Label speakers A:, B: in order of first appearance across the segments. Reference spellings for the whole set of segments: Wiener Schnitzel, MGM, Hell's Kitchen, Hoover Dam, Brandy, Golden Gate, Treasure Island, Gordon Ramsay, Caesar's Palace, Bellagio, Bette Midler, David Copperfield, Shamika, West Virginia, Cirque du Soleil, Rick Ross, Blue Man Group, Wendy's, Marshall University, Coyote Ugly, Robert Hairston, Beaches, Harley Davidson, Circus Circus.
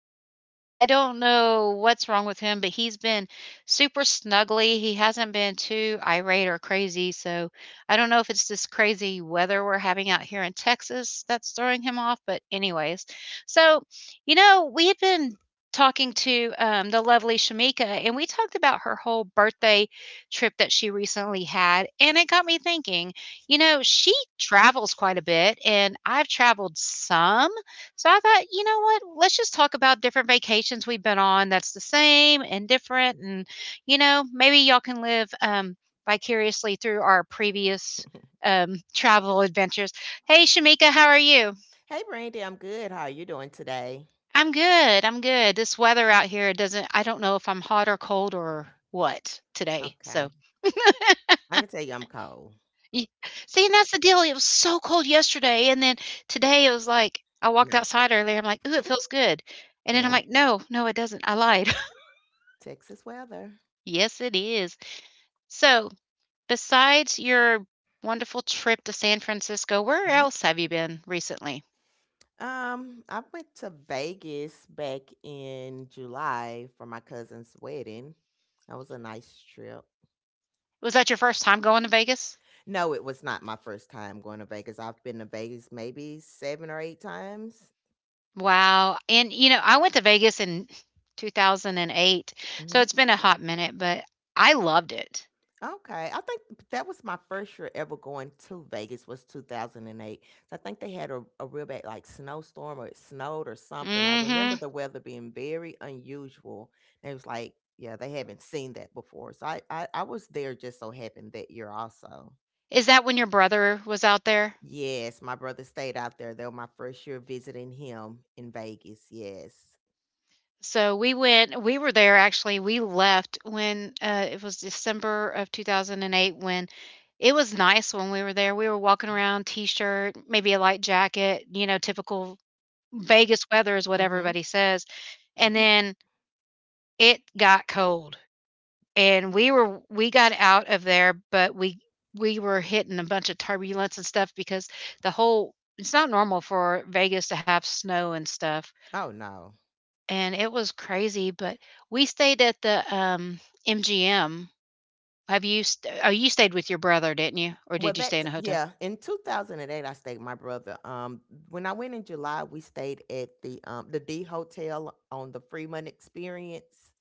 A: actually, I don't know what's wrong with him, but he's been super snuggly. He hasn't been too irate or crazy. So I don't know if it's this crazy weather we're having out here in Texas that's throwing him off. But anyways, so, we had been talking to the lovely Shamika, and we talked about her whole birthday trip that she recently had. And it got me thinking. You know, she travels quite a bit, and I've traveled some. So I thought, you know what? Let's just talk about different vacations we've been on that's the same and different. And maybe y'all can live vicariously through our previous travel adventures. Hey, Shamika, how are you?
B: Hey, Brandy, I'm good. How are you doing today?
A: I'm good. I'm good. This weather out here doesn't, I don't know if I'm hot or cold or what today. So
B: Okay. I can tell you I'm cold.
A: Ye see, and that's the deal, it was so cold yesterday, and then today it was like I walked
B: Not.
A: outside earlier, I'm like, "Ooh, it feels good," and then I'm
B: Yeah.
A: like, "No, no, it doesn't, I lied."
B: Texas weather.
A: Yes, it is. So, besides your wonderful trip to San Francisco, where
B: Mhm.
A: else have you been recently?
B: I went to Vegas back in July for my cousin's wedding. That was a nice trip.
A: Was that your first time going to Vegas?
B: No, it was not my first time going to Vegas. I've been to Vegas maybe seven or eight times.
A: Wow, and, you know, I went to Vegas in 2008, so
B: Mm-hmm.
A: it's been a hot minute, but I loved it.
B: Okay, I think that was my first year ever going to Vegas was 2008. So I think they had a real bad like snowstorm, or it snowed or something. I remember
A: Mhm.
B: the weather being very unusual. And it was like, yeah, they haven't seen that before. So I was there just so happened that year also.
A: Is that when your brother was out there?
B: Yes, my brother stayed out there. That was my first year visiting him in Vegas. Yes.
A: So we were there actually, we left when, it was December of 2008 when it was nice when we were there. We were walking around, t-shirt, maybe a light jacket, you know, typical Vegas weather is what
B: Mm-hmm.
A: everybody says. And then it got cold, and we got out of there, but we were hitting a bunch of turbulence and stuff because the whole it's not normal for Vegas to have snow and stuff,
B: Oh no.
A: and it was crazy, but we stayed at the, MGM. Have you st Oh, you stayed with your brother, didn't you? Or
B: Well,
A: did you stay
B: that,
A: in a hotel?
B: yeah. In 2008, I stayed with my brother. When I went in July, we stayed at the D Hotel on the Fremont Experience.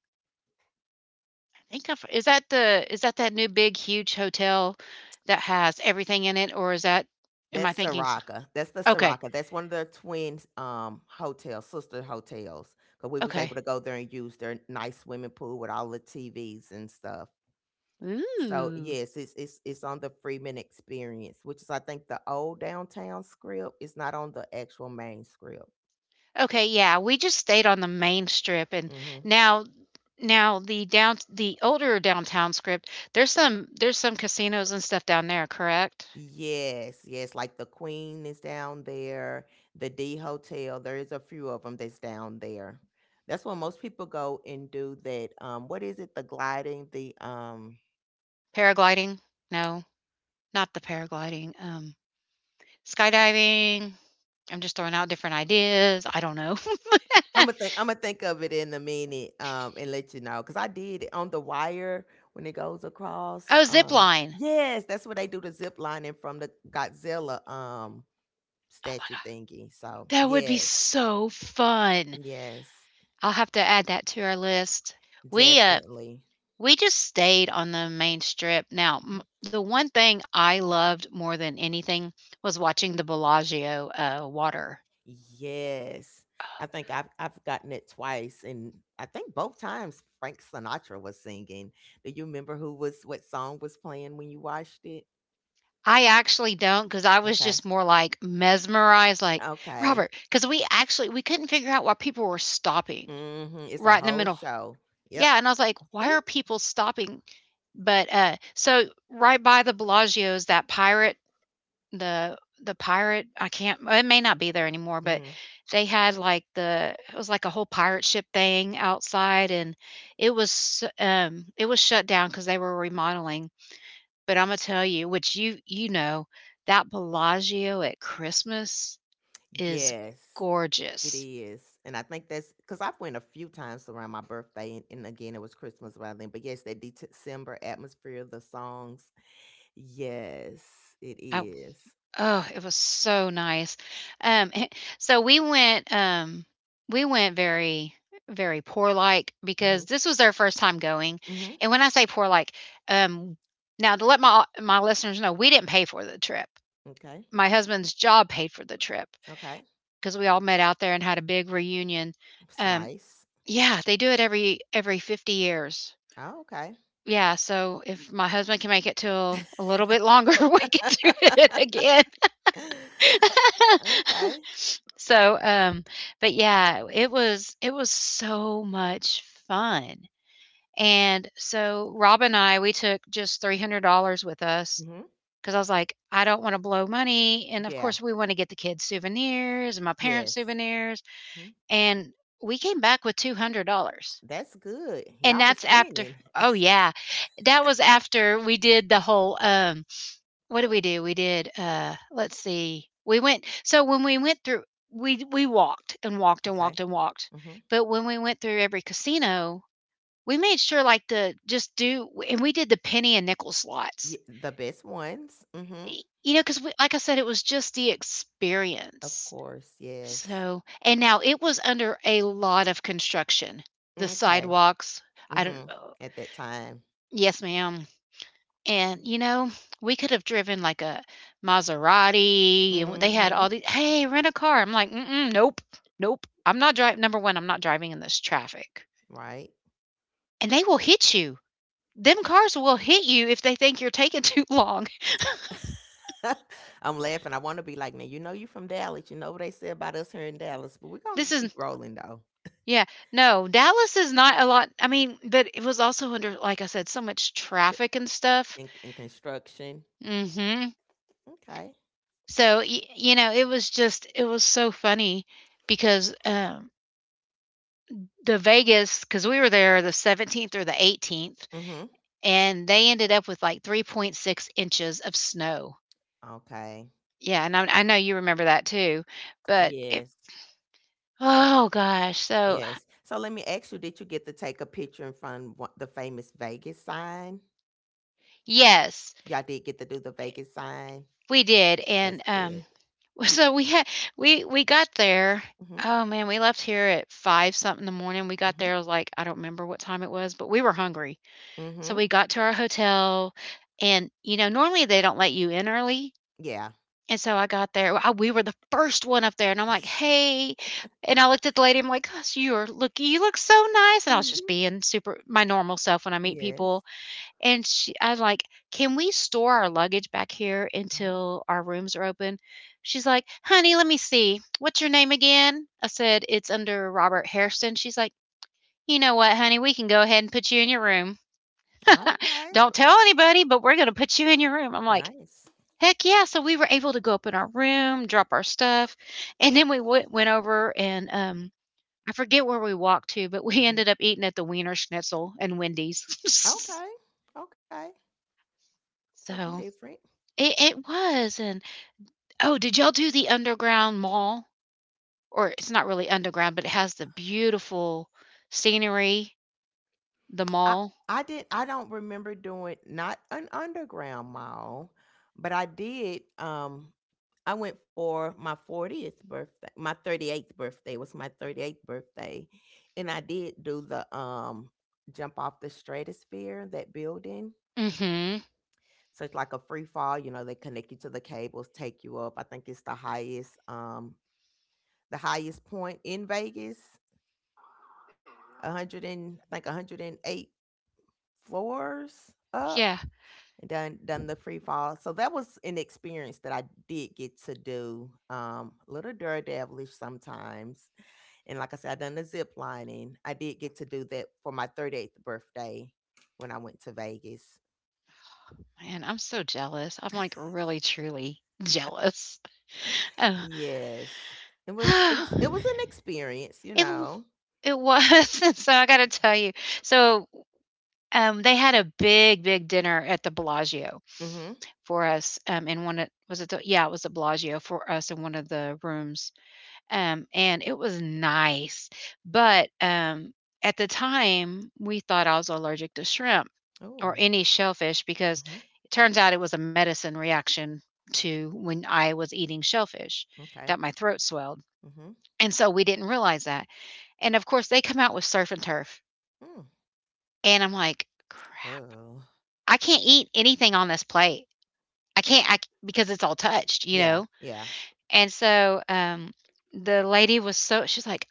A: I think I've Is that the is that that new big huge hotel that has everything in it, or is that am I
B: That's
A: thinking s
B: Soraka. That's the
A: okay,
B: Soraka. That's one of the twin hotels, sister hotels. Cause we was able to
A: okay.
B: go there and use their nice swimming pool with all the TVs and stuff. So
A: Ooh.
B: yes, it's on the Freeman Experience, which is I think the old downtown script. It's not on the actual main script.
A: Okay, yeah, we just stayed on the main strip, and
B: Mm-hmm.
A: now the older downtown strip, there's some casinos and stuff down there, correct?
B: Yes, yes, like the Queen is down there, the D Hotel, there is a few of them that's down there. That's where most people go and do that. What is it? The gliding, the
A: Paragliding? No? Not the paragliding, skydiving. I'm just throwing out different ideas. I don't know.
B: I'm gonna think of it in a minute and let you know. Cause I did it on the wire when it goes across.
A: Oh, zip line.
B: Yes, that's where they do the zip lining from the Godzilla
A: Oh
B: statue
A: my,
B: thingy. So
A: that would be
B: yes,
A: so fun.
B: yes,
A: I'll have to add that to our list. We uh
B: definitely.
A: we just stayed on the main strip. Now, the one thing I loved more than anything was watching the Bellagio water.
B: Yes. I think I've gotten it twice, and I think both times Frank Sinatra was singing. Do you remember who was what song was playing when you watched it?
A: I actually don't because I was
B: Okay.
A: just more like mesmerized, like
B: Okay.
A: Robert, because we couldn't figure out why people were stopping
B: Hmm. It's a
A: right in the
B: whole
A: middle.
B: show. Yep.
A: Yeah, and I was like, "Why are people stopping?" But, so right by the Bellagio's, that pirate the pirate, I can't, it may not be there anymore, but
B: Hmm.
A: they had, like, the it was like a whole pirate ship thing outside, and it was shut down because they were remodeling, but Imma tell you, which you know, that Bellagio at Christmas is
B: Yes, it
A: gorgeous.
B: is. And I think that's because I've went a few times around my birthday, and, again it was Christmas around then. But yes, that December atmosphere, the songs. Yes, it
A: I
B: is.
A: Oh, it was so nice. Um, so we went very, very poor like
B: Mm-hmm.
A: because this was our first time going.
B: Mm-hmm.
A: And when I say poor like, um, now to let my listeners know, we didn't pay for the trip.
B: Okay.
A: My husband's job paid for the trip
B: Okay.
A: because we all met out there and had a big reunion.
B: It's
A: Um,
B: nice.
A: yeah, they do it every 50 years.
B: Oh, okay.
A: Yeah, so if my husband can make it till a little bit longer, we can do it again.
B: Okay.
A: So, but yeah, it was so much fun. And so Rob and I, we took just $300 with us
B: Hmm.
A: because I was like, I don't want to blow money. And of
B: Yeah.
A: course, we want to get the kids souvenirs and my
B: Yes.
A: parents souvenirs.
B: Hmm.
A: And we came back with $200.
B: That's good. Y'all
A: And
B: was
A: that's after,
B: winning.
A: oh yeah, that was after we did the whole, what did we do? We did, let's see, we went so when we went through we walked and walked and
B: Okay.
A: walked and walked,
B: Hmm.
A: but when we went through every casino, we made sure, like, to just do and we did the penny and nickel
B: Yeah,
A: slots,
B: the best ones. Hmm.
A: y you know, because like I said, it was just the
B: Of
A: experience.
B: course. Yes.
A: So and now it was under a lot of construction. The
B: Okay.
A: sidewalks, I don't
B: Hmm.
A: oh,
B: At that time.
A: yes, ma'am. And, you know, we could have driven like a Maserati, and they had
B: Hmm.
A: all these, "Hey, rent a car." I'm like, "Mm-mm, nope, nope. I'm not driving. Number one, I'm not driving in this traffic."
B: Right.
A: And they will hit you. Them cars will hit you if they think you're taking too long.
B: I'm laughing. I want to be like, now you know you from Dallas. You know what they say about us here in Dallas, but we're gonna
A: This is
B: keep rolling though.
A: yeah, no, Dallas is not a lot. I mean, but it was also under, like I said, so much
B: C-
A: traffic and stuff.
B: In construction.
A: Mhm.
B: Okay.
A: So, y you know, it was so funny because, the Vegas, because we were there the 17th or the 18th,
B: Hmm.
A: and they ended up with like 3.6 inches of snow.
B: Okay.
A: Yeah, and I know you remember that too, but it,
B: Yes.
A: oh gosh, so
B: Yes. So let me ask you, did you get to take a picture in front of the famous Vegas sign?
A: yes,
B: Y'all did get to do the Vegas sign.
A: we did,
B: That's
A: and
B: good.
A: so we had we got there.
B: Mm-hmm.
A: Oh man, we left here at five something in the morning. We got
B: Mm-hmm.
A: there, it was like I don't remember what time it was, but we were hungry, so
B: Mm-hmm.
A: we got to our hotel, and you know normally they don't let you in early.
B: Yeah.
A: And so I got there. We were the first one up there, and I'm like, "Hey!" And I looked at the lady. I'm like, "Gosh, you are look. You look so nice." And I was just
B: Mm-hmm.
A: being super my normal self when I meet
B: Yes.
A: people. I'm like, "Can we store our luggage back here
B: Mm-hmm.
A: until our rooms are open?" She's like, "Honey, let me see. What's your name again?" I said, "It's under Robert Hairston." She's like, "You know what, honey? We can go ahead and put you in your room.
B: Okay.
A: Don't tell anybody, but we're going to put you in your room." I'm like,
B: Nice.
A: heck yeah. So we were able to go up in our room, drop our stuff, and then we went over and I forget where we walked to, but we
B: Hmm.
A: ended up eating at the Wiener Schnitzel and Wendy's.
B: Okay. Okay. Something
A: so
B: different.
A: it was, and oh, did y'all do the underground mall? Or it's not really underground, but it has the beautiful scenery, the
B: I
A: mall.
B: I did, I don't remember doing not an underground mall, but I did, I went for my 40th birthday. My 38th birthday, was my 38th birthday. And I did do the jump off the stratosphere, that building.
A: Mm-hmm.
B: So it's like a free fall, you know, they connect you to the cables, take you up. I think it's the highest point in Vegas, 100 and I think 108 floors up,
A: Yeah.
B: and done the free fall. So that was an experience that I did get to do. A little daredevilish sometimes, and like I said, I done the zip lining. I did get to do that for my 38th birthday when I went to Vegas.
A: Man, I'm so jealous. I'm like really truly jealous.
B: Yes, it was it was
A: Oh.
B: it was an experience, you
A: It w
B: know.
A: it was, so I gotta tell you. So, they had a big, big dinner at the Bellagio
B: Mm-hmm.
A: for us, in one of was it the yeah, it was the Bellagio for us in one of the rooms, and it was nice, but, at the time, we thought I was allergic to shrimp or
B: Oh.
A: any shellfish because
B: Mm-hmm.
A: it turns out it was a medicine reaction to when I was eating shellfish
B: Okay.
A: that my throat swelled,
B: Mm-hmm.
A: and so we didn't realize that, and, of course, they come out with surf and turf.
B: Mm.
A: And I'm like, "Crap.
B: Oh.
A: I can't eat anything on this plate. I can't I c because it's all touched, you
B: Yeah.
A: know?"
B: Yeah.
A: And so, the lady was so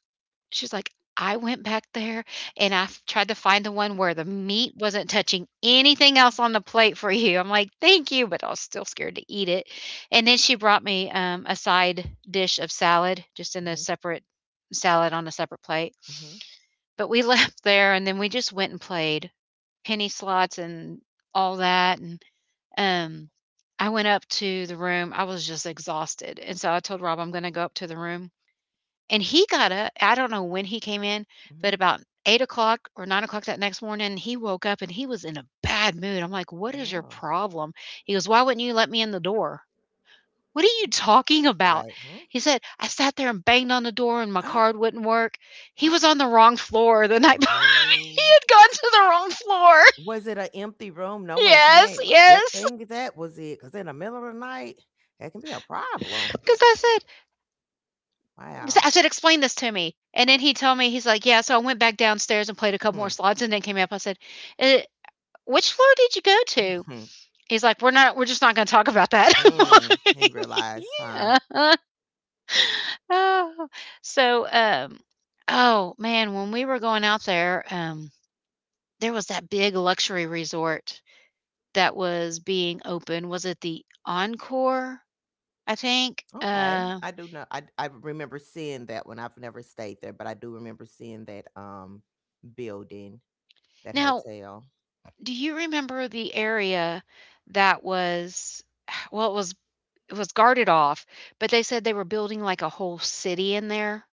A: she's like, "I went back there and I f tried to find the one where the meat wasn't touching anything else on the plate for you." I'm like, "Thank you," but I was still scared to eat it. And then she brought me, a side dish of salad, just in a
B: Mm-hmm.
A: separate salad on a separate plate.
B: Mm-hmm.
A: But we left there, and then we just went and played penny slots and all that, and, um, I went up to the room, I was just exhausted, and so I told Rob, "I'm gonna go up to the room," and he got up, I don't know when he came in,
B: Mm-hmm.
A: but about 8 o'clock or 9 o'clock that next morning, he woke up, and he was in a bad mood. I'm like, "What is your
B: Oh.
A: problem?" He goes, "Why wouldn't you let me in the door?" "What are you
B: Mm.
A: talking about?"
B: Right.
A: He said, "I sat there and banged on the door, and my
B: Mm.
A: card wouldn't work." He was on the wrong floor the night bef he
B: Oh.
A: had gone to the wrong floor.
B: Was it an empty room? No one
A: Yes,
B: came. A good
A: yes.
B: thing that was it, because in the middle of the night, that can be a problem.
A: Because I said, 'Cause
B: Wow.
A: I said, explain this to me. And then he told me, he's like, yeah. So I went back downstairs and played a couple
B: Hmm.
A: more slides and then came up. I said, "Uh, which floor did you go to?" He's like, "We're just not going to talk about that."
B: Mhm. Mm. He realized, huh?
A: yeah. Oh. So, oh man, when we were going out there, there was that big luxury resort that was being open. Was it the Encore? I think.
B: Okay. I do know. I remember seeing that when I've never stayed there, but I do remember seeing that building, that
A: Now,
B: hotel.
A: do you remember the area that was, well, it was guarded off, but they said they were building, like, a whole city in there?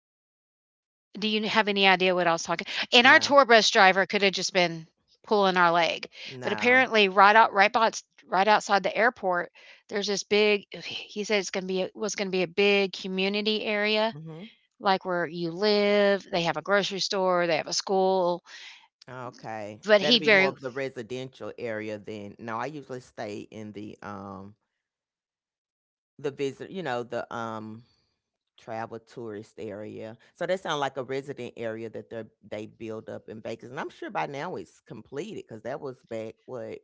A: Do you have any idea what I was talking? And our
B: No.
A: tour bus driver coulda just been pulling our leg, but
B: No.
A: apparently right outside the airport, there's this big— he said it's gonna be a— was gonna be a big community area,
B: Hmm.
A: like, where you live, they have a grocery store, they have a school,
B: Okay,
A: but he
B: that'll be more
A: very—
B: of the residential area then. No, I usually stay in the visit you know, the, travel tourist area. So that sounds like a resident area that they build up in Vegas, and I'm sure by now it's completed because that was back, what,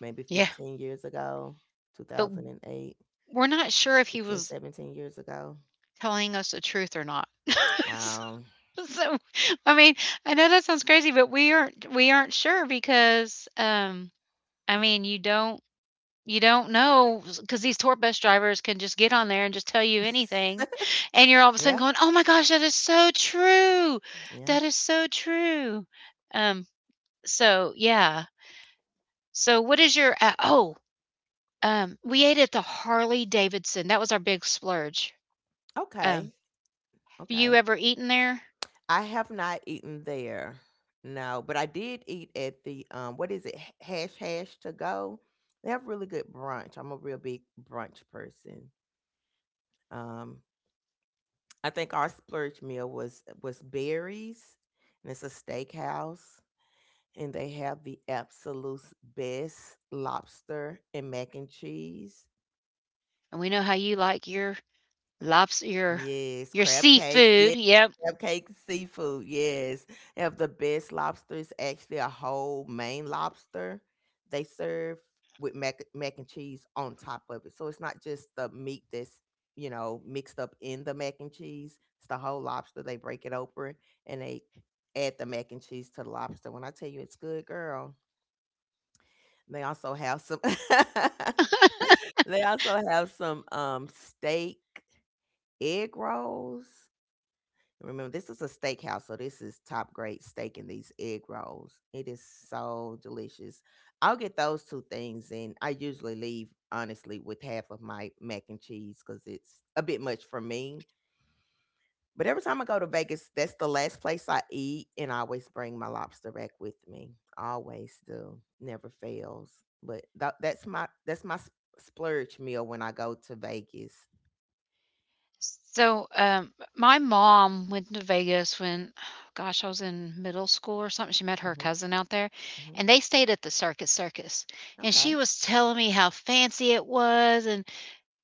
B: maybe
A: Yeah,
B: 15 years ago? two
A: but
B: thousand and eight,
A: we're not sure if he
B: 16,
A: was
B: 17 years ago?
A: telling us the truth or not. S
B: Um,
A: so, I mean, I know that sounds crazy, but we aren't sure because, I mean, you don't know, because these tour bus drivers can just get on there and just tell you anything, and you're all of a sudden
B: yeah,
A: going, "Oh my gosh, that is so true.
B: yeah.
A: That is so true." Um, so, yeah. So what is your oh, we ate at the Harley Davidson. That was our big splurge.
B: Okay,
A: Um, have you
B: okay.
A: ever eaten there?
B: I have not eaten there, no, but I did eat at the, what is it? H Hash Hash To Go? They have really good brunch. I'm a real big brunch person. Um, I think our splurge meal was berries, and it's a steakhouse, and they have the absolute best lobster and mac and cheese.
A: And we know how you like your lobster, your
B: Yes,
A: your
B: crab cakes.
A: seafood. Yep.
B: Crabcake seafood, yes. They have the best lobster. It's actually a whole Maine lobster they serve with mac and cheese on top of it. So it's not just the meat that's, you know, mixed up in the mac and cheese. It's the whole lobster. They break it open and they add the mac and cheese to the lobster. When I tell you it's good, girl. They also have some they also have some steak egg rolls. Remember, this is a steakhouse, so this is top grade steak, and these egg rolls, it is so delicious. I'll get those two things, and I usually leave honestly with half of my mac and cheese because it's a bit much for me. But every time I go to Vegas, that's the last place I eat, and I always bring my lobster back with me. Always do, never fails. But that's my s- splurge meal when I go to Vegas.
A: So, my mom went to Vegas when, gosh, I was in middle school or something. She met her
B: Hmm.
A: cousin out there,
B: Hmm.
A: and they stayed at the Circus Circus. And she
B: Okay.
A: was telling me how fancy it was, and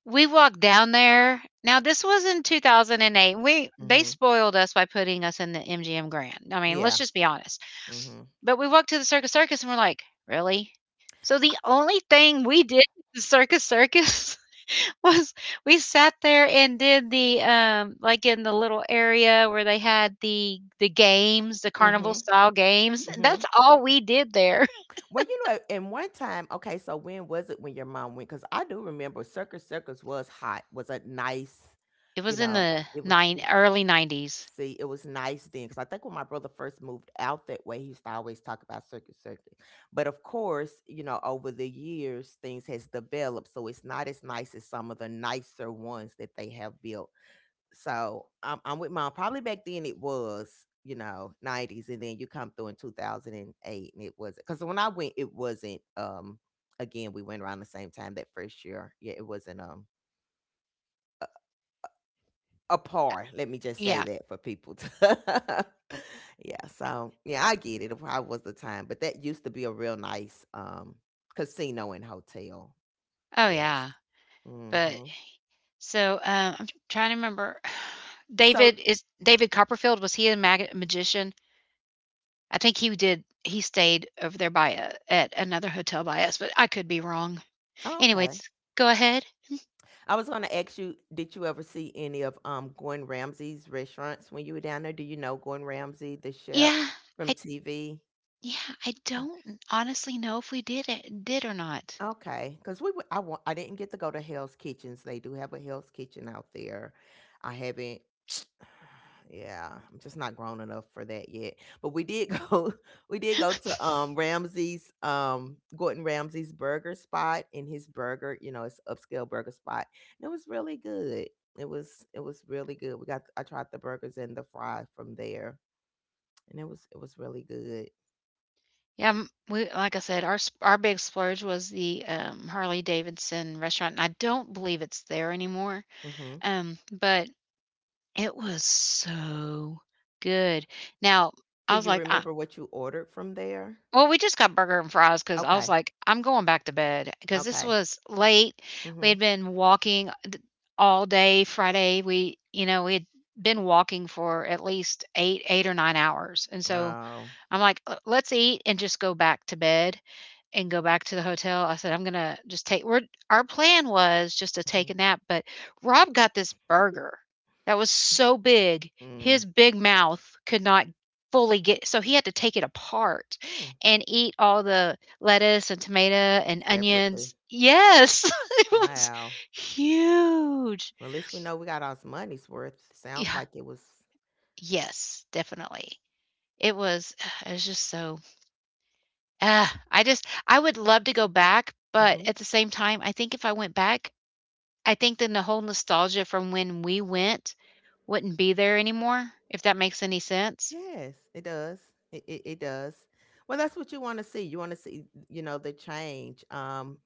A: we walked down there. Now, this was in 2008. We they
B: Hmm.
A: spoiled us by putting us in the MGM Grand. I mean, let's
B: Yeah.
A: just be honest.
B: Hmm.
A: But we walked to the Circus Circus and we're like, really? So the only thing we did at the Circus Circus was, we sat there and did the, like, in the little area where they had the games, the carnival
B: Hmm.
A: style games.
B: Hmm.
A: That's all we did there.
B: Well, you know, in one time, okay, so when was it when your mom went? Because I do remember Circus Circus was hot, was a nice,
A: It
B: you
A: was in
B: know,
A: the nine early 90s.
B: see, it was nice then. Because I think when my brother first moved out that way, he used to always talk about Circus Circus. But of course, you know, over the years, things has developed. So it's not as nice as some of the nicer ones that they have built. So I'm with mom. Probably back then it was, you know, 90s, and then you come through in 2008, and eight, and it wasn't, because when I went, it wasn't. Again, we went around the same time that first year. Yeah, it wasn't a par. Let me just say
A: Yeah.
B: that for people. To yeah. So yeah, I get it. It probably was the time, but that used to be a real nice casino and hotel.
A: Oh
B: Yes.
A: yeah. But
B: Mm-hmm.
A: so I'm trying to remember,
B: So,
A: David Copperfield, was he a magician? I think he stayed over there by— a at another hotel by us, but I could be wrong.
B: oh, okay.
A: Anyways, go ahead.
B: I was going to ask you, did you ever see any of Gordon Ramsay's restaurants when you were down there? Do you know Gordon Ramsay, the chef
A: Yeah,
B: from
A: I
B: TV?
A: yeah, I don't honestly know if we did or not.
B: Okay, cause we went I didn't get to go to Hell's Kitchens, they do have a Hell's Kitchen out there. I haven't yeah, I'm just not grown enough for that yet, but we did go we did go to, Ramsay's, Gordon Ramsay's burger spot, and his burger, you know, it's upscale burger spot, and it was really good. It was really good. We got I tried the burgers and the fry from there, and it was really good.
A: Yeah, m we, like I said, our s our big splurge was the, Harley Davidson restaurant, and I don't believe it's there anymore,
B: Mhm.
A: but it was so good. Now,
B: Do
A: I was
B: you
A: like, "I
B: remember what you ordered from there?
A: Well, we just got burger and fries because I was
B: Okay,
A: like, "I'm going back to bed, because this
B: okay.
A: was late. We had
B: Mhm.
A: been walking, d all day Friday. We, you know, we had been walking for at least 8 or 9 hours, and so
B: Oh.
A: I'm like, " let's eat and just go back to bed." And go back to the hotel. I said, "I'm gonna just take—" we're our plan was just to
B: Mhm.
A: take a nap, but Rob got this burger that was so big,
B: Mm.
A: his big mouth could not fully get— so he had to take it apart
B: Mm.
A: and eat all the lettuce and tomato and
B: Separately.
A: onions. Yes, it was
B: Wow.
A: huge.
B: Well, at least we know we got our money's worth. Sounds
A: Yeah,
B: like it was.
A: yes, definitely. It was it was just so— I just— I would love to go back, but
B: Mm-hmm.
A: at the same time, I think if I went back, I think then the whole nostalgia from when we went wouldn't be there anymore, if that makes any sense?
B: Yes, it does. It does. Well, that's what you want to see. You want to see, you know, the change.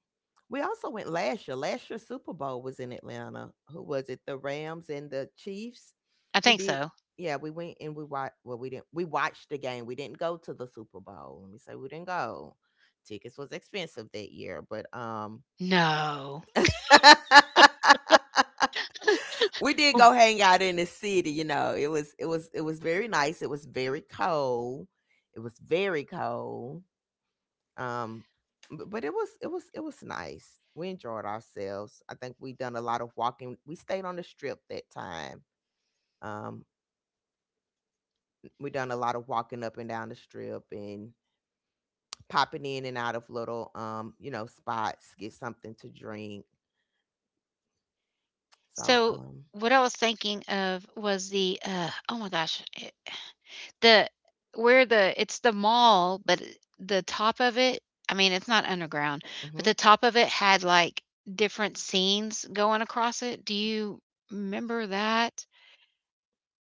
B: We also went last year. Last year Super Bowl was in Atlanta. Who was it? The Rams and the Chiefs.
A: I
B: We
A: think
B: did.
A: so.
B: Yeah, we went and we watched. Well, we didn't. We watched the game. We didn't go to the Super Bowl. Let me say we didn't go. Tickets was expensive that year, but.
A: No.
B: We did go hang out in the city, you know, it was very nice. It was very cold, it was very cold. um but it was nice. We enjoyed ourselves. I think we done a lot of walking. We stayed on the strip that time. um we done a lot of walking up and down the strip, and popping in and out of little spots, get something to drink. so
A: So,
B: um
A: what I was thinking of was the, oh my gosh, the it's the mall, but the top of it, I mean, it's not underground, but
B: mhm,
A: the top of it had, like, different scenes going across it. Do you remember that?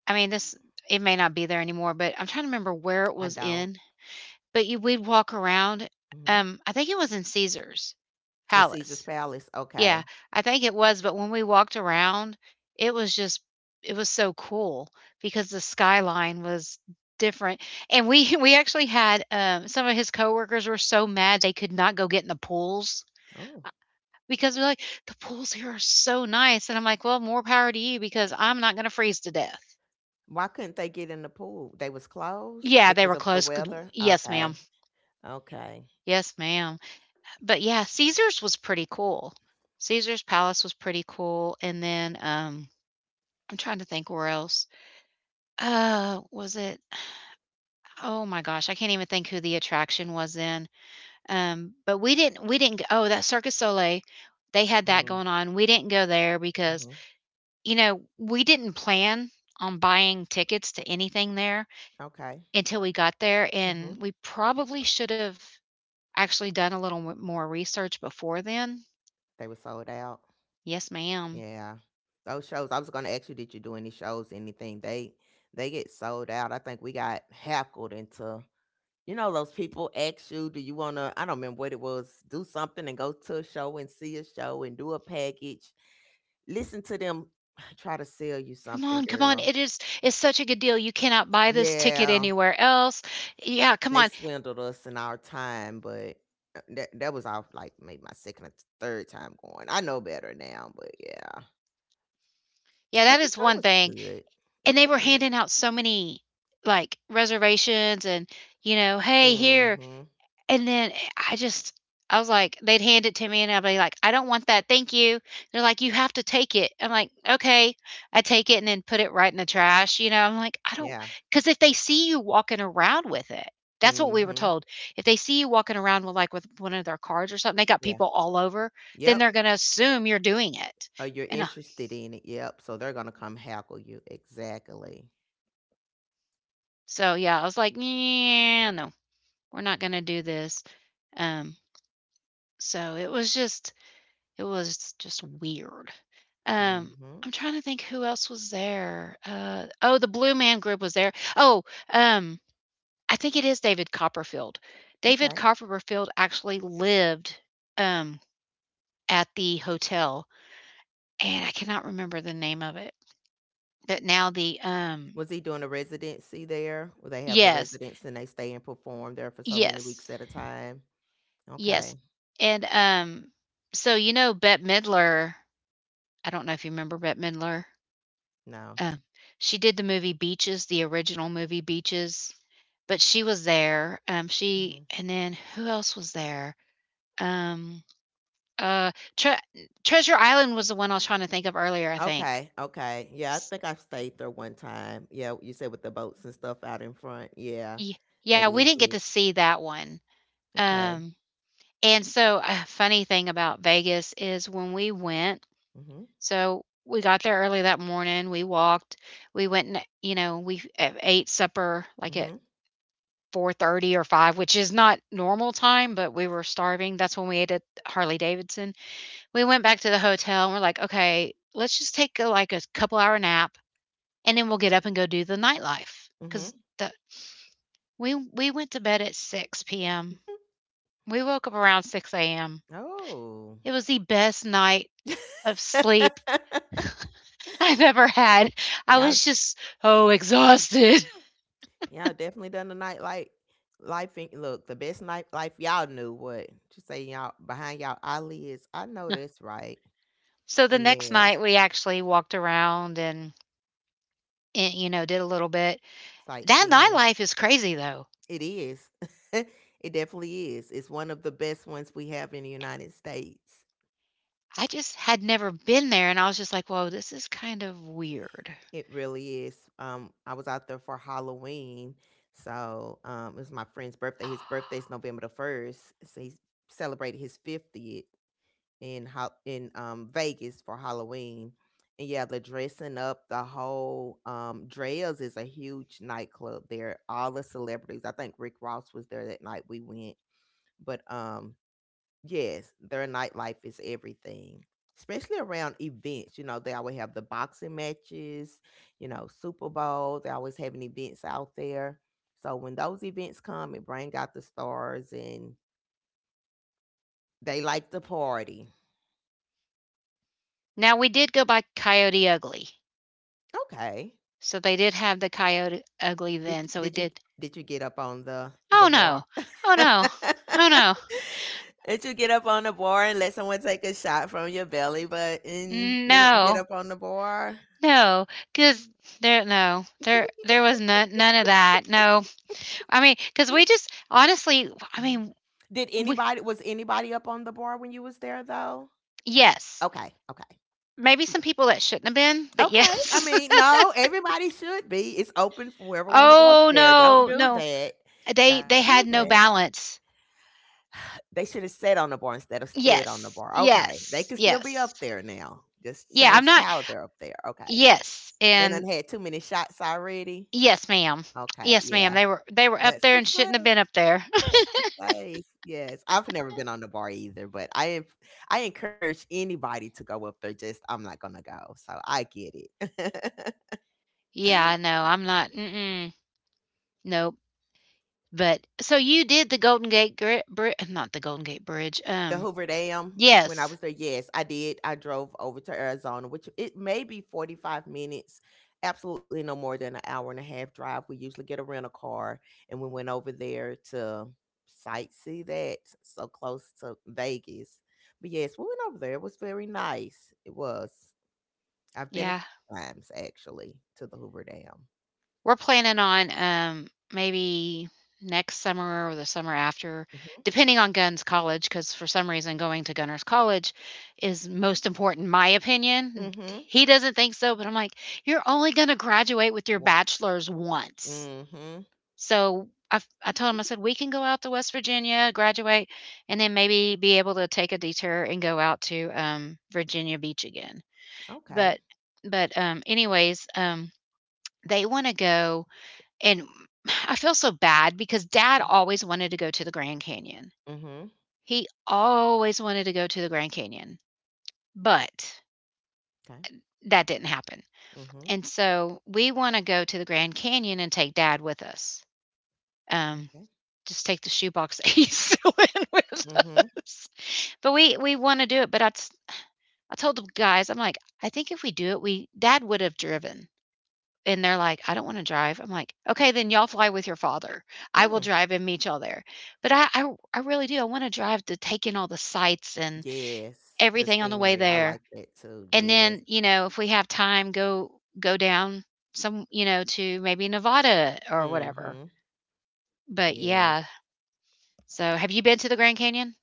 A: I mean, this it may not be there anymore, but I'm trying to remember where it
B: I
A: was
B: don't
A: in. But you we'd walk around,
B: hmm
A: I think it was in Caesar's
B: in Caesar's
A: Palace.
B: Palace,
A: Yeah,
B: okay.
A: I think it was, but when we walked around, it was just it was so cool, because the skyline was different, and we— we actually had, some of his coworkers were so mad they could not go get in the pools,
B: Oh.
A: uh, because they're like, "The pools here are so nice," and I'm like, "Well, more power to you, because I'm not gonna freeze to death."
B: Why couldn't they get in the pool? They was closed
A: Yeah, they were
B: because of the
A: close, good—
B: weather?
A: yes, ma'am.
B: Okay. Okay.
A: Yes, ma'am. But yeah, Caesar's was pretty cool. Caesar's Palace was pretty cool. And then, I'm trying to think where else. Was it Oh my gosh, I can't even think who the attraction was in. But we didn't g oh, that Circus du Soleil, they had that
B: Mm,
A: going on. We didn't go there because,
B: mm-hmm.
A: you know, we didn't plan on buying tickets to anything there
B: Okay.
A: until we got there,
B: Hmm.
A: and we probably should have actually done a little m more research before then.
B: They were sold out.
A: Yes, ma'am.
B: Yeah. Those shows, I was going to ask you, did you do any shows, anything? They get sold out. I think we got hackled into. You know, those people ask you, do you want to, I don't remember what it was, do something and go to a show and see a show and do a package. Listen to them try to sell you
A: Come on,
B: something,
A: come on.
B: girl.
A: It's such a good deal. You cannot buy this ticket
B: Yeah,
A: anywhere else. Yeah, come
B: they
A: on.
B: swindled us in our time, but that was our, like, maybe my second or third time going. I know better now, but yeah.
A: Yeah, that
B: But the
A: is
B: show
A: one
B: was
A: thing.
B: good. It
A: And
B: was
A: they were
B: good.
A: handing out so many, like, reservations and, you know, hey, here.
B: Mm-hmm.
A: And then I just I was like, they'd hand it to me and I'd be like, "I don't want that, thank you." They're like, "You have to take it." I'm like, "Okay." I take it and then put it right in the trash, you know? I'm like, "I don't—" not
B: Yeah.
A: because, if they see you walking around with it— that's what we were
B: Mm-hmm.
A: told. If they see you walking around with, like, with one of their cards or something, they got
B: Yeah.
A: people all over, then
B: Yep.
A: they're gonna assume you're doing it.
B: Or you're
A: And,
B: interested in it. Yep. So they're gonna come hackle you. Exactly.
A: so, yeah, I was like, "Yeah, no, we're not gonna do this." Um, so it was just weird. Um,
B: Mhm.
A: I'm trying to think who else was there. Oh, the Blue Man Group was there. Oh, um, I think it is David Copperfield. David
B: Okay.
A: Copperfield actually lived, um, at the hotel, and I cannot remember the name of it. But now the,
B: Was he doing a residency there? Well, they have the
A: yes,
B: residents and they stay and perform there for so many weeks
A: yes,
B: at a time. Okay.
A: yes, and, so you know Bette Midler. I don't know if you remember Bette Midler.
B: No.
A: Uh, she did the movie Beaches, the original movie Beaches, but she was there,
B: Mhm.
A: she— and then who else was there? Um, uh, Tre Treasure Island was the one I was trying to think of earlier, I think.
B: Okay. Okay. Yeah, I
A: S
B: think I stayed there one time. Yeah, you said with the boats and stuff out in front. Yeah,
A: y- yeah,
B: that
A: we
B: is
A: didn't get to
B: it.
A: see that one,
B: Okay.
A: um, and so a funny thing about Vegas is, when we went—
B: Mhm.
A: so we got there early that morning, we walked, we went, and, you know, we, ate supper, like, at
B: Mhm.
A: 4:30 or 5, which is not normal time, but we were starving. That's when we ate at Harley Davidson. We went back to the hotel and we're like, "Okay, let's just take, a, like, a couple hour nap, and then we'll get up and go do the nightlife." Cuz
B: Mhm.
A: the we went to bed at 6 p.m. We woke up around 6 a.m.
B: Oh.
A: It was the best night of sleep I've ever had. I
B: Y'all.
A: was just so exhausted.
B: Yeah, definitely done the nightlight life in look, the best night life y'all knew what to say y'all behind y'all eyelids. I know that's right.
A: So the next
B: Yes,
A: night we actually walked around and, you know, did a little bit. That
B: sightseeing.
A: nightlife is crazy though.
B: It is. It definitely is. It's one of the best ones we have in the United States.
A: I just had never been there and I was just like, "Whoa, this is kind of weird."
B: It really is. I was out there for Halloween. So it was my friend's birthday. His birthday's November the first. So he celebrated his 50th. In how in Vegas for Halloween. And yeah, the dressing up, the whole Dre's is a huge nightclub there. All the celebrities. I think Rick Ross was there that night we went. But yes, their nightlife is everything. Especially around events. You know, they always have the boxing matches, you know, Super Bowl. They always having events out there. So when those events come, it bring out the stars and they like to party.
A: Now we did go by Coyote Ugly.
B: Okay.
A: So they did have the Coyote Ugly then,
B: Did
A: so we
B: did you
A: did.
B: did you get up on the
A: Oh
B: the
A: no.
B: bar?
A: Oh no. Oh no.
B: Did you get up on the bar and let someone take a shot from your belly button? You didn't get
A: No.
B: up on the bar.
A: No,
B: Oh.
A: because there— no. There was none of that. No. I mean, because we just— honestly, I
B: Mhm.
A: mean,
B: Did
A: we
B: anybody was anybody up on the bar when you was there though?
A: yes.
B: Okay, okay.
A: Maybe some people that shouldn't have been, but
B: Okay. I
A: yes.
B: mean, no, everybody should be. It's open for whoever want to go up
A: Oh
B: there. Don't
A: no,
B: do
A: no.
B: that.
A: They
B: Don't
A: they
B: do
A: had
B: that.
A: no balance.
B: They should have sat on the bar instead of stood on the
A: Yes.
B: bar. Okay, they
A: Yes.
B: can still be
A: Yes.
B: up there now. Just
A: Yeah, I'm
B: change
A: not—
B: how they're up there. Okay,
A: yes,
B: they done
A: and
B: had too many shots already.
A: yes, ma'am.
B: Okay,
A: Yes, ma'am.
B: yeah,
A: They were up
B: that's
A: there
B: the
A: and
B: place.
A: shouldn't have been up there.
B: That's the place. Yes, I've never been on the bar either, but I en- I encourage anybody to go up there. Just I'm not gonna go, so I get it.
A: Yeah, I know. I'm not. Mm-mm. Nope. But so you did the Golden Gate Gri Bri not the Golden Gate Bridge.
B: The Hoover Dam. When I
A: Yes.
B: was there, yes, I did. I drove over to Arizona, which it may be 45 minutes, absolutely no more than an hour and a half drive. We usually get a rental car, and we went over there to sightsee that so close to Vegas. But yes, we went over there. It was very nice. It was. I've been a
A: Yeah.
B: few times actually to the Hoover Dam.
A: We're planning on, maybe next summer or the summer after,
B: Mm-hmm.
A: depending on Gunn's college. Because for some reason, going to Gunner's college is most important, my opinion.
B: Mm-hmm.
A: He doesn't think so, but I'm like, "You're only gonna graduate with your
B: What?
A: bachelor's once."
B: Mm-hmm.
A: So, I told him, I said, "We can go out to West Virginia, graduate, and then maybe be able to take a detour and go out to, Virginia Beach again."
B: Okay.
A: But anyways, they wanna go, and I feel so bad because dad always wanted to go to the Grand Canyon.
B: Mm-hmm.
A: He always wanted to go to the Grand Canyon, but
B: Okay.
A: that didn't happen.
B: Mm-hmm.
A: And so we want to go to the Grand Canyon and take dad with us. Um,
B: Okay.
A: just take the shoebox that he's still in with
B: Mm-hmm.
A: us. But we want to do it. But I told the guys, I'm like, I think if we do it, we dad would have driven. And they're like, "I don't wanna drive." I'm like, "Okay, then y'all fly with your father. I
B: Hmm.
A: will drive and meet y'all there." But I really do. I wanna drive, to take in all the sights and
B: Yes, the
A: everything on the way
B: scenery. I
A: there.
B: like that too.
A: And then,
B: Yes.
A: you know, if we have time, go down some, you know, to maybe Nevada or
B: mm
A: whatever.
B: hmm
A: But
B: Yes.
A: yeah. So, have you been to the Grand Canyon?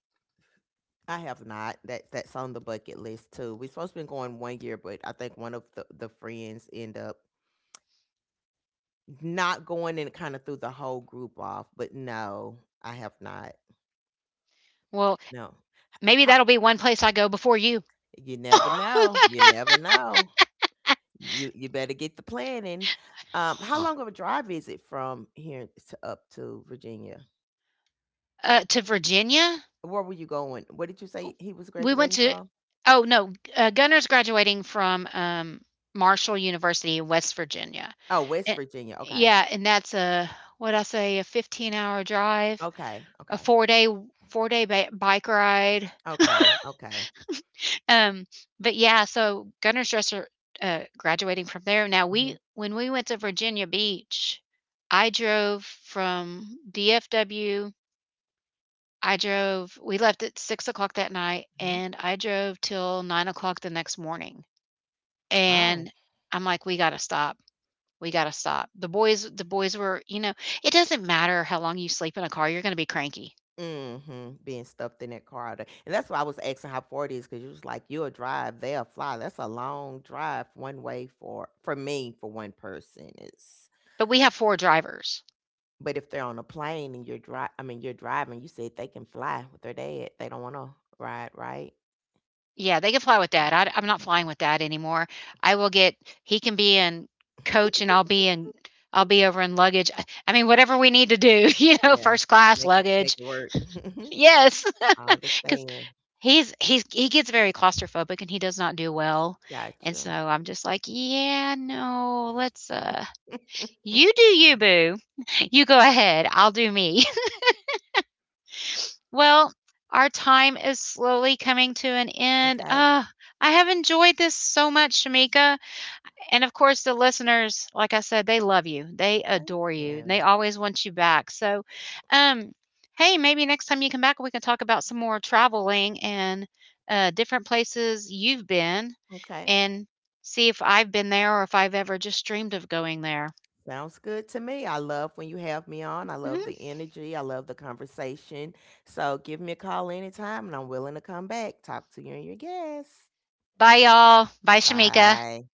B: I have not. That that's on the bucket list too. We supposed to been going one year, but I think one of the friends end up not going and kind of threw the whole group off. But no, I have not.
A: Well,
B: No.
A: maybe
B: How,
A: that'll be one place I go before you.
B: you never know. You never know. You better get the planning. How long of a drive is it from here to up to Virginia?
A: To Virginia?
B: Where were you going? What did you say he was
A: We went
B: graduating
A: to
B: from?
A: Oh no, Gunner's graduating from, Marshall University in West Virginia,
B: Oh, West
A: and,
B: Virginia, okay.
A: yeah, and that's a— what I say, a 15-hour drive,
B: Okay,
A: a
B: okay,
A: four day bike ride.
B: okay, okay.
A: um but yeah, so Gunner's dresser— graduating from there. Now,
B: Mhm,
A: we— when we went to Virginia Beach, I drove from DFW. I drove We left at 6 o'clock that night,
B: mhm.
A: and I drove till 9 o'clock the next morning.
B: Oh.
A: And I'm like, "We gotta stop. We gotta stop." The boys were, you know, it doesn't matter how long you sleep in a car, you're gonna be cranky.
B: Mhm, being stuffed in that car all day, and that's why I was asking how far it is, because you was like, "You'll drive, they'll fly." That's a long drive one way for me, for one person, it's
A: But we have 4 drivers.
B: but if they're on a plane and you're dri I mean, you're driving, you said they can fly with their dad, they don't wanna ride, right?
A: Yeah, they can fly with dad.
B: Oh,
A: I'm not flying
B: okay.
A: with dad anymore. I will get He can be in coach and I'll be over in luggage. I mean, whatever we need to do, you know,
B: Yeah,
A: first class
B: make
A: luggage.
B: it work.
A: Yes,
B: I
A: because
B: understand.
A: he gets very claustrophobic and he does not do well. And
B: Gotcha.
A: so I'm just like, "Yeah, no, let's—" You do you, boo. You go ahead. I'll do me. Well, our time is slowly coming to an end.
B: Okay.
A: I have enjoyed this so much, Shamika. And of course, the listeners, like I said, they love you. They
B: Thank
A: adore you. And they
B: you.
A: always want you back. So, um, hey, maybe next time you come back, we can talk about some more traveling and, different places you've been,
B: Okay.
A: and see if I've been there or if I've ever just dreamed of going there.
B: Sounds good to me. I love when you have me on. I
A: Mhm.
B: love the energy. I love the conversation. So give me a call anytime and I'm willing to come back. Talk to you and your guests.
A: Bye, y'all. Bye, Shamika.
B: Bye.